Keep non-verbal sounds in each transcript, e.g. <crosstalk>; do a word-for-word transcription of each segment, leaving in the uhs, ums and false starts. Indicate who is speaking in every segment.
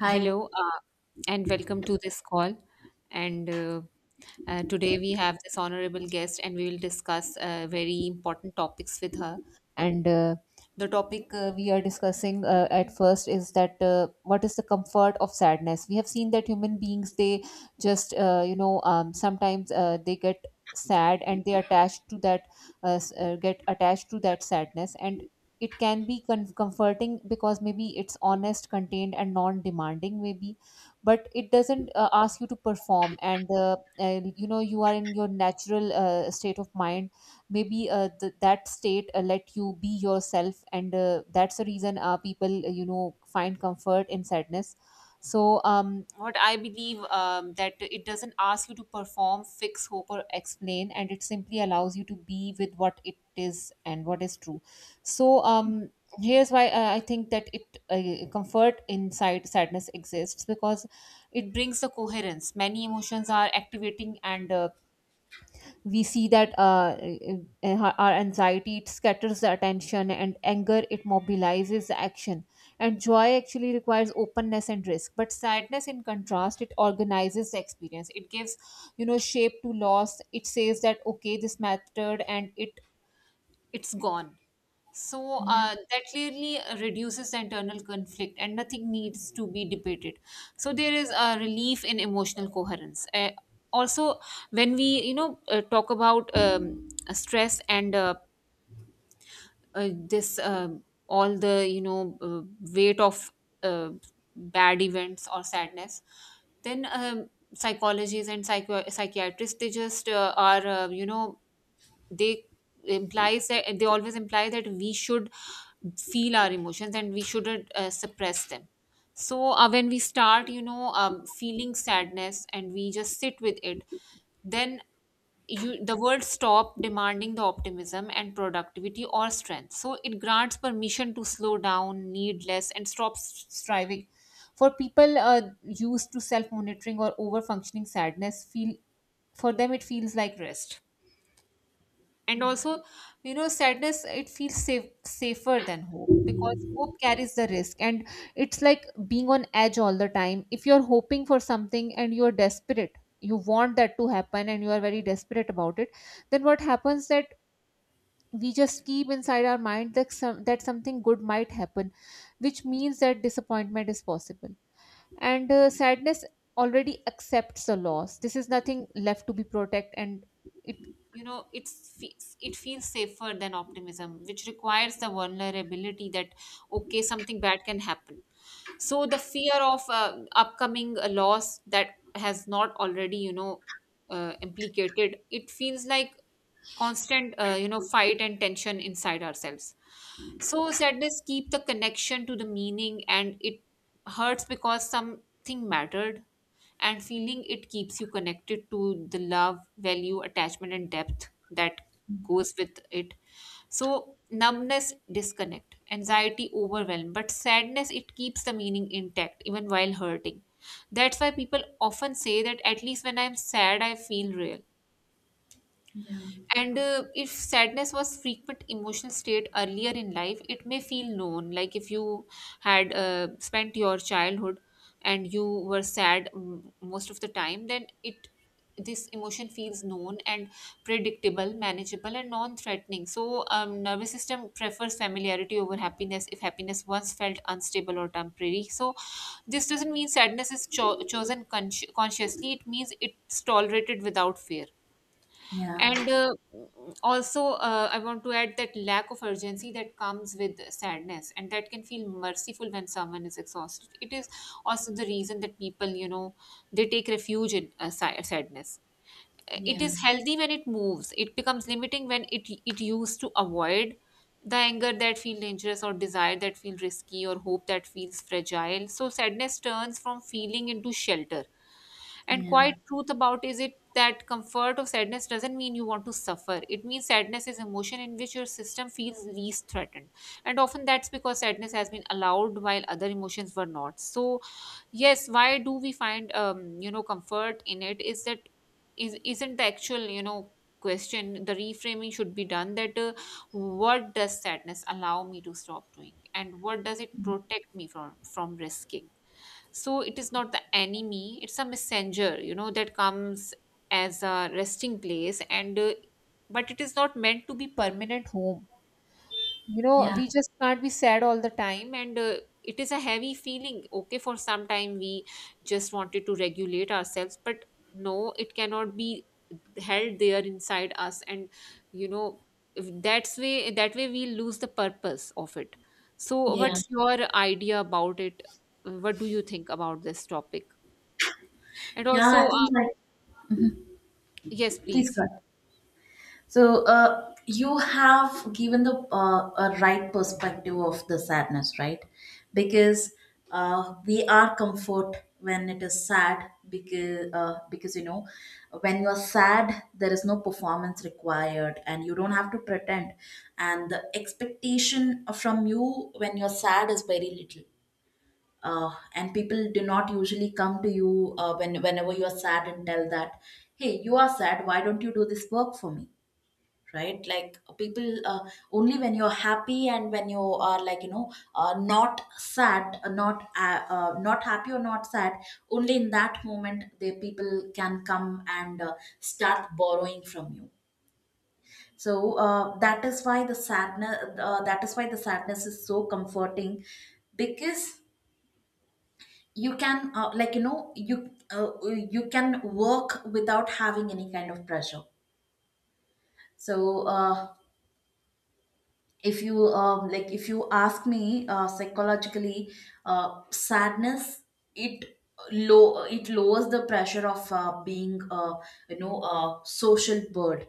Speaker 1: Hi.
Speaker 2: Hello, uh, and welcome to this call. And uh, uh, today we have this honorable guest, and we will discuss uh, very important topics with her. And uh, the topic uh, we are discussing uh, at first is that uh, what is the comfort of sadness? We have seen that human beings they just uh, you know um, sometimes uh, they get sad and they attached to that uh, s- uh, get attached to that sadness, and it can be con- comforting because maybe it's honest, contained and non-demanding, maybe, but it doesn't uh, ask you to perform. And uh, uh, you know you are in your natural uh, state of mind. Maybe uh, th- that state uh, let you be yourself, and uh, that's the reason uh, people uh, you know find comfort in sadness. So um, what I believe, um, that it doesn't ask you to perform, fix, hope or explain, and it simply allows you to be with what it is and what is true. So um, here's why uh, I think that it uh, comfort inside sadness exists, because it brings the coherence. Many emotions are activating, and uh, we see that uh, uh, uh, our anxiety, it scatters the attention, and anger, it mobilizes the action. And joy actually requires openness and risk, but sadness, in contrast, it organizes the experience. It gives you know shape to loss. It says that okay, this mattered, and it it's gone. So
Speaker 1: Yeah,
Speaker 2: uh, that clearly reduces the internal conflict, and nothing needs to be debated. So there is a relief in emotional coherence. Uh, also, when we you know uh, talk about um, stress and uh, uh, this, um all the you know uh, weight of uh, bad events or sadness, then um, psychologists and psycho- psychiatrists, they just uh, are uh, you know they implies that they always imply that we should feel our emotions and we shouldn't uh, suppress them. So uh, when we start you know um, feeling sadness and we just sit with it, then you the world stop demanding the optimism and productivity or strength, so it grants permission to slow down, need less, and stops striving. For people uh, used to self monitoring or over functioning sadness feel, for them it feels like rest. And also, you know sadness, it feels safe, safer than hope, because hope carries the risk, and it's like being on edge all the time. If you're hoping for something and you're desperate, you want that to happen and you are very desperate about it, then what happens that we just keep inside our mind that some that something good might happen, which means that disappointment is possible. And uh, sadness already accepts the loss. This is nothing left to be protect, and it, you know it's fe- it feels safer than optimism, which requires the vulnerability that okay, something bad can happen. So the fear of uh, upcoming uh, loss that has not already you know uh, implicated, it feels like constant uh, you know fight and tension inside ourselves. So sadness keep the connection to the meaning, and it hurts because something mattered, and feeling it keeps you connected to the love, value, attachment and depth that goes with it. So numbness disconnect, anxiety overwhelm, but sadness, it keeps the meaning intact even while hurting. That's why people often say that at least when I'm sad, I feel real.
Speaker 1: yeah.
Speaker 2: And uh, if sadness was frequent emotional state earlier in life, it may feel known. Like if you had uh, spent your childhood and you were sad mm, most of the time, then it this emotion feels known and predictable, manageable, and non-threatening. So, um, nervous system prefers familiarity over happiness if happiness once felt unstable or temporary. So, this doesn't mean sadness is cho- chosen con- consciously. It means it's tolerated without fear.
Speaker 1: Yeah, yeah.
Speaker 2: And uh, also, uh, I want to add that lack of urgency that comes with sadness, and that can feel merciful when someone is exhausted. It is also the reason that people, you know, they take refuge in uh, si- sadness. Uh, It
Speaker 1: Yeah,
Speaker 2: is healthy when it moves. It becomes limiting when it it used to avoid the anger that feel dangerous, or desire that feel risky, or hope that feels fragile. So sadness turns from feeling into shelter. And quiet truth about is it that comfort of sadness doesn't mean you want to suffer. It means sadness is emotion in which your system feels least threatened. And often that's because sadness has been allowed while other emotions were not. So yes, why do we find um, you know comfort in it, is that is isn't the actual, you know, question. The reframing should be done that uh, what does sadness allow me to stop doing, and what does it protect me from from risking. So it is not the enemy, it's a messenger, you know, that comes as a resting place, and uh, but it is not meant to be permanent home. You know,
Speaker 1: yeah,
Speaker 2: we just can't be sad all the time, and uh, it is a heavy feeling. Okay, for some time we just wanted to regulate ourselves, but no, it cannot be held there inside us. And you know if that's way, that way we lose the purpose of it. So
Speaker 1: yeah,
Speaker 2: what's your idea about it? What do you think about this topic? And
Speaker 1: yeah. I
Speaker 2: also
Speaker 1: think,
Speaker 2: uh,
Speaker 1: like...
Speaker 2: yes,
Speaker 1: Please go
Speaker 2: please.
Speaker 1: ahead. So, uh, you have given the uh, a right perspective of the sadness, right? Because uh, we are comfort when it is sad, because uh, because you know, when you are sad there is no performance required, and you don't have to pretend, and the expectation from you when you're sad is very little. Uh, and people do not usually come to you uh, when whenever you are sad and tell that, hey, you are sad, why don't you do this work for me? Right, like people, uh, only when you're happy and when you are, like, you know, uh, not sad, uh, not uh, uh, not happy or not sad, only in that moment the people can come and uh, start borrowing from you. So uh, that is why the sadness, uh, that is why the sadness is so comforting, because you can, uh, like, you know, you uh, you can work without having any kind of pressure. So uh, if you um, like, if you ask me, uh, psychologically, uh, sadness, it low it lowers the pressure of uh, being uh, you know, a social bird.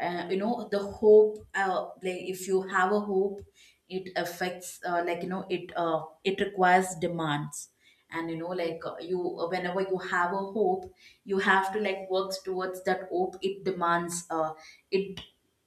Speaker 1: uh, You know, the hope, uh, like, if you have a hope, it affects, uh, like, you know, it uh, it requires demands. And you know, like, uh, you, whenever you have a hope, you have to, like, work towards that hope. It demands, uh, it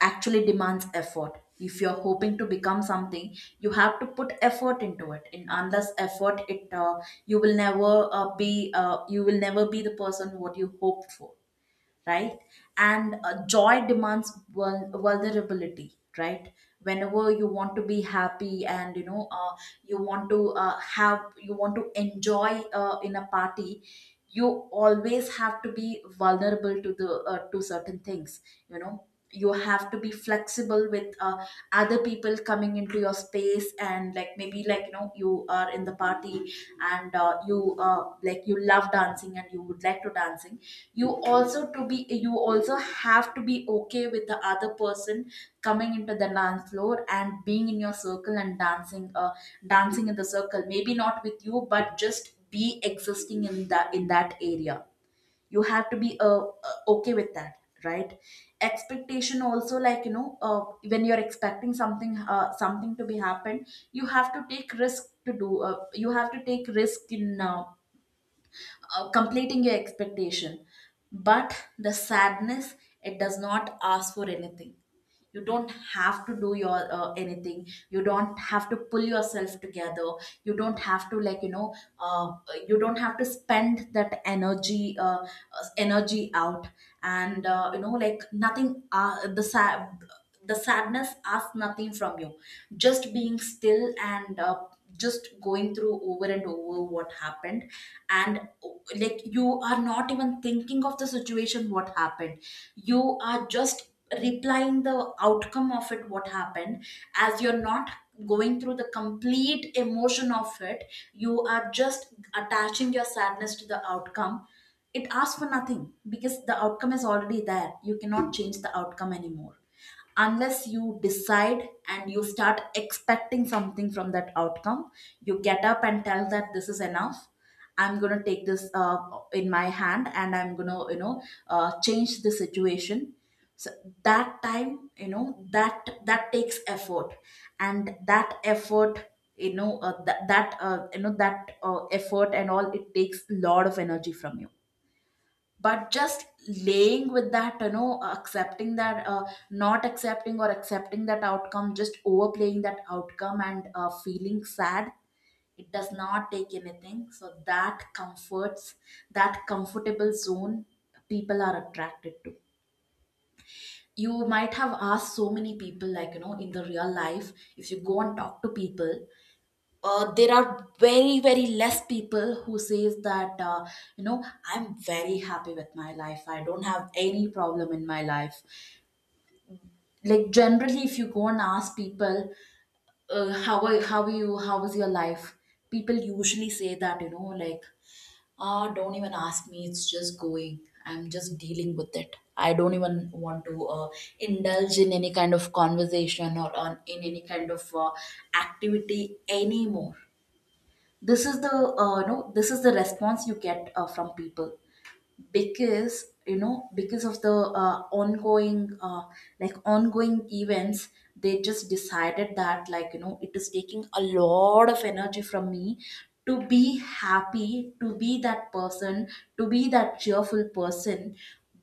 Speaker 1: actually demands effort. If you're hoping to become something, you have to put effort into it, and unless effort it uh, you will never uh, be uh, you will never be the person what you hoped for, right? And uh, joy demands vul- vulnerability, right? Whenever you want to be happy, and you know, uh, you want to uh, have you want to enjoy uh, in a party, you always have to be vulnerable to the uh, to certain things. You know, you have to be flexible with uh, other people coming into your space, and, like, maybe, like, you know, you are in the party, and uh, you, uh, like, you love dancing, and you would like to dancing, you also to be you also have to be okay with the other person coming into the dance floor and being in your circle and dancing, uh, dancing in the circle, maybe not with you, but just be existing in that in that area. You have to be uh, uh, okay with that, right? Expectation also, like, you know, uh, when you're expecting something, uh, something to be happened, you have to take risk to do, uh, you have to take risk in, uh, uh, completing your expectation. But the sadness, it does not ask for anything. You don't have to do your uh, anything. You don't have to pull yourself together. You don't have to, like, you know, uh, you don't have to spend that energy, uh, uh, energy out. And uh, you know, like, nothing, uh, the sad the sadness asks nothing from you, just being still, and uh, just going through over and over what happened. And like, you are not even thinking of the situation what happened, you are just replying the outcome of it what happened, as you're not going through the complete emotion of it, you are just attaching your sadness to the outcome. It asks for nothing, because the outcome is already there, you cannot change the outcome anymore, unless you decide and you start expecting something from that outcome. You get up and tell that, this is enough, I'm going to take this, uh, in my hand, and I'm going to, you know, uh, change the situation. So that time, you know, that that takes effort. And that effort, you know, uh, that, that uh, you know, that uh, effort and all, it takes a lot of energy from you. But just laying with that, you know, accepting that, uh, not accepting or accepting that outcome, just overplaying that outcome and uh, feeling sad, it does not take anything. So that comforts that comfortable zone people are attracted to. You might have asked so many people, like, you know, in the real life, if you go and talk to people, uh, there are very, very less people who says that, uh, you know, I'm very happy with my life, I don't have any problem in my life. Like, generally, if you go and ask people, uh, how are, how are you, how is your life? People usually say that, you know, like, ah, don't even ask me, it's just going, I'm just dealing with it, I don't even want to uh, indulge in any kind of conversation, or on in any kind of uh, activity anymore. This is the uh, no, this is the response you get uh, from people, because you know, because of the uh, ongoing, uh, like, ongoing events, they just decided that, like, you know, it is taking a lot of energy from me to be happy, to be that person, to be that cheerful person.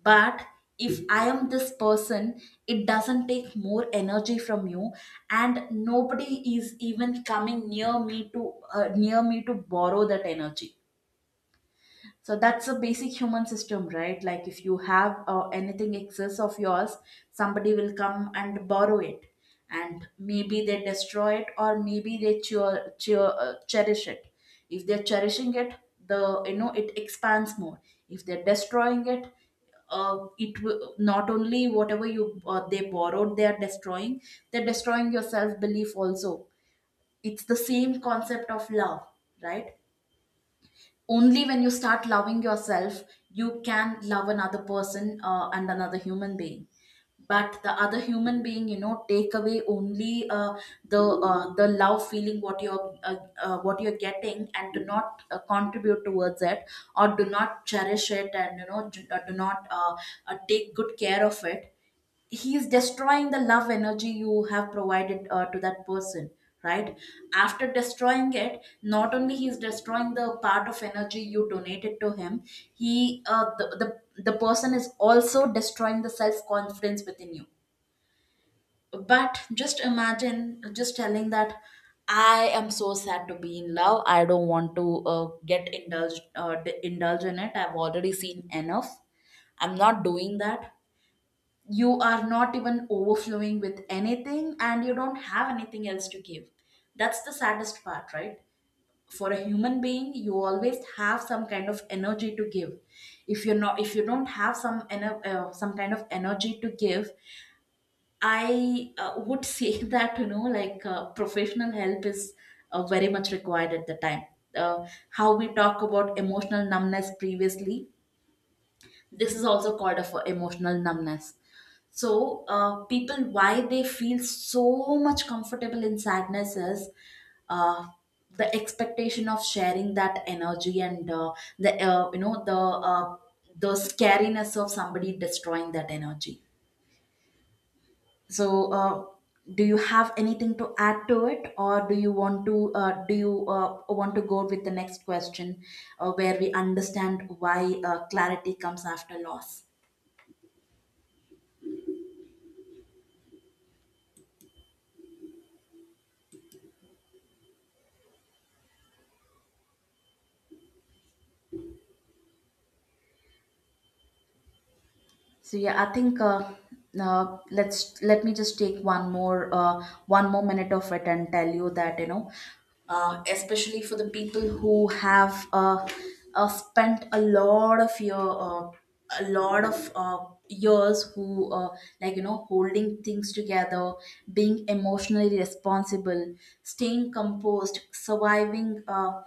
Speaker 1: But if I am this person, it doesn't take more energy from you, and nobody is even coming near me to uh, near me to borrow that energy. So that's a basic human system, right? Like, if you have uh, anything excess of yours, somebody will come and borrow it, and maybe they destroy it, or maybe they cheer, cheer, uh, cherish it. If they're cherishing it, the you know it expands more. If they're destroying it, uh, it w- not only whatever you uh, they borrowed, they are destroying. They're destroying your self belief also. It's the same concept of love, right? Only when you start loving yourself, you can love another person, uh, and another human being. But the other human being, you know, take away only uh, the uh, the love feeling what you're uh, uh, what you're getting, and do not uh, contribute towards it, or do not cherish it, and you know, do, uh, do not uh, uh, take good care of it. He is destroying the love energy you have provided uh, to that person, right? After destroying it, not only he is destroying the part of energy you donated to him, he uh, the, the the person is also destroying the self confidence within you. But just imagine just telling that, I am so sad to be in love, I don't want to uh, get indulged uh, d- indulge in it, I've already seen enough, I'm not doing that. You are not even overflowing with anything, and you don't have anything else to give. That's the saddest part, right? For a human being, you always have some kind of energy to give. If you're not, if you don't have some ener- uh, some kind of energy to give, I uh, would say <laughs> that, you know, like, uh, professional help is uh, very much required at the time. Uh, how we talk about emotional numbness previously, this is also called of emotional numbness. So uh, people why they feel so much comfortable in sadness is, uh, the expectation of sharing that energy, and uh, the uh, you know, the uh, the scariness of somebody destroying that energy. So uh, do you have anything to add to it, or do you want to, uh, do you uh, want to go with the next question, uh, where we understand why uh, clarity comes after loss? So yeah, I think, uh, now let's let me just take one more, uh, one more minute of it and tell you that, you know, uh, especially for the people who have, uh, uh, spent a lot of your, uh, a lot of uh, years, who uh, like you know, holding things together, being emotionally responsible, staying composed, surviving. Uh,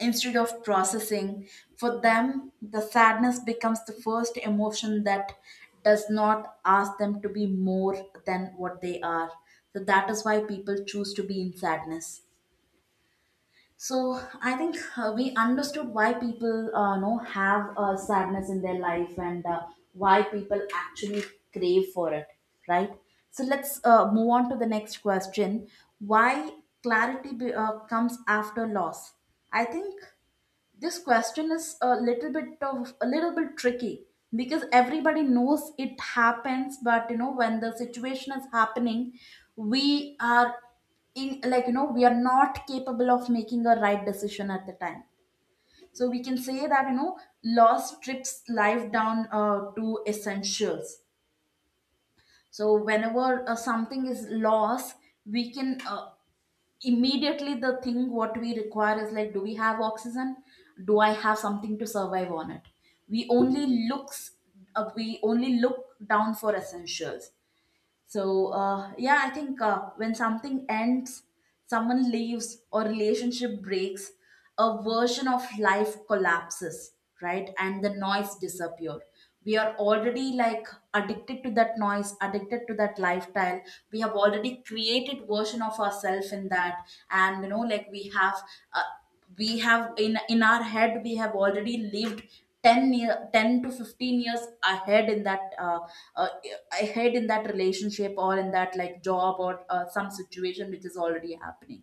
Speaker 1: Instead of processing. For them, the sadness becomes the first emotion that does not ask them to be more than what they are. So that is why people choose to be in sadness. So I think uh, we understood why people, uh, know have uh, sadness in their life, and uh, why people actually crave for it, right? So let's uh, move on to the next question. Why clarity be, uh, comes after loss? I think this question is a little bit of a little bit tricky, because everybody knows it happens, but you know, when the situation is happening, we are in, like, you know, we are not capable of making a right decision at the time. So we can say that, you know, loss strips life down uh, to essentials. So whenever uh, something is lost, we can, uh, immediately, the thing what we require is, like, do we have oxygen, do I have something to survive on it? We only looks, uh, we only look down for essentials. So, uh, yeah, I think uh, when something ends, someone leaves, or relationship breaks, a version of life collapses, right? And the noise disappear. We are already, like, addicted to that noise, addicted to that lifestyle. We have already created version of ourselves in that, and you know, like, we have. Uh, we have in in our head we have already lived ten year ten to fifteen years ahead in that uh, uh, ahead in that relationship, or in that, like, job, or uh, some situation which is already happening.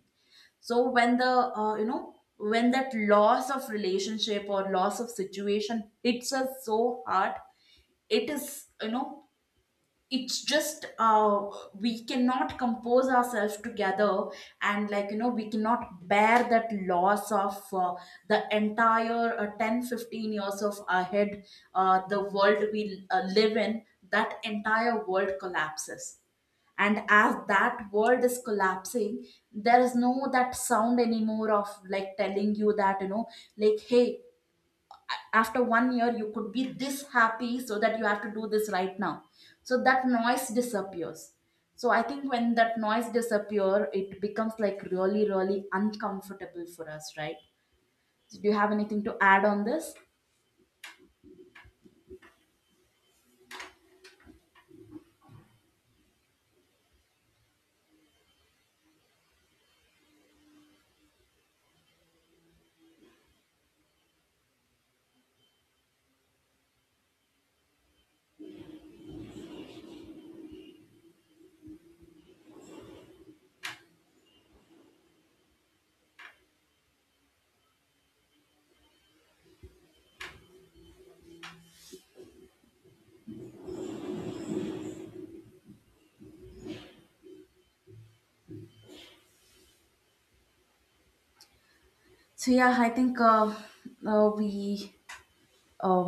Speaker 1: So when the uh, you know, when that loss of relationship or loss of situation hits us so hard, it is, you know, it's just uh, we cannot compose ourselves together, and like, you know, we cannot bear that loss of uh, the entire uh, ten fifteen years of ahead, uh, the world we uh, live in. That entire world collapses, and as that world is collapsing, there is no that sound anymore of, like, telling you that, you know, like, hey, after one year you could be this happy, so that you have to do this right now. So that noise disappears. So I think when that noise disappear, it becomes, like, really, really uncomfortable for us, right? So do you have anything to add on this? So yeah, I think uh, uh, we uh,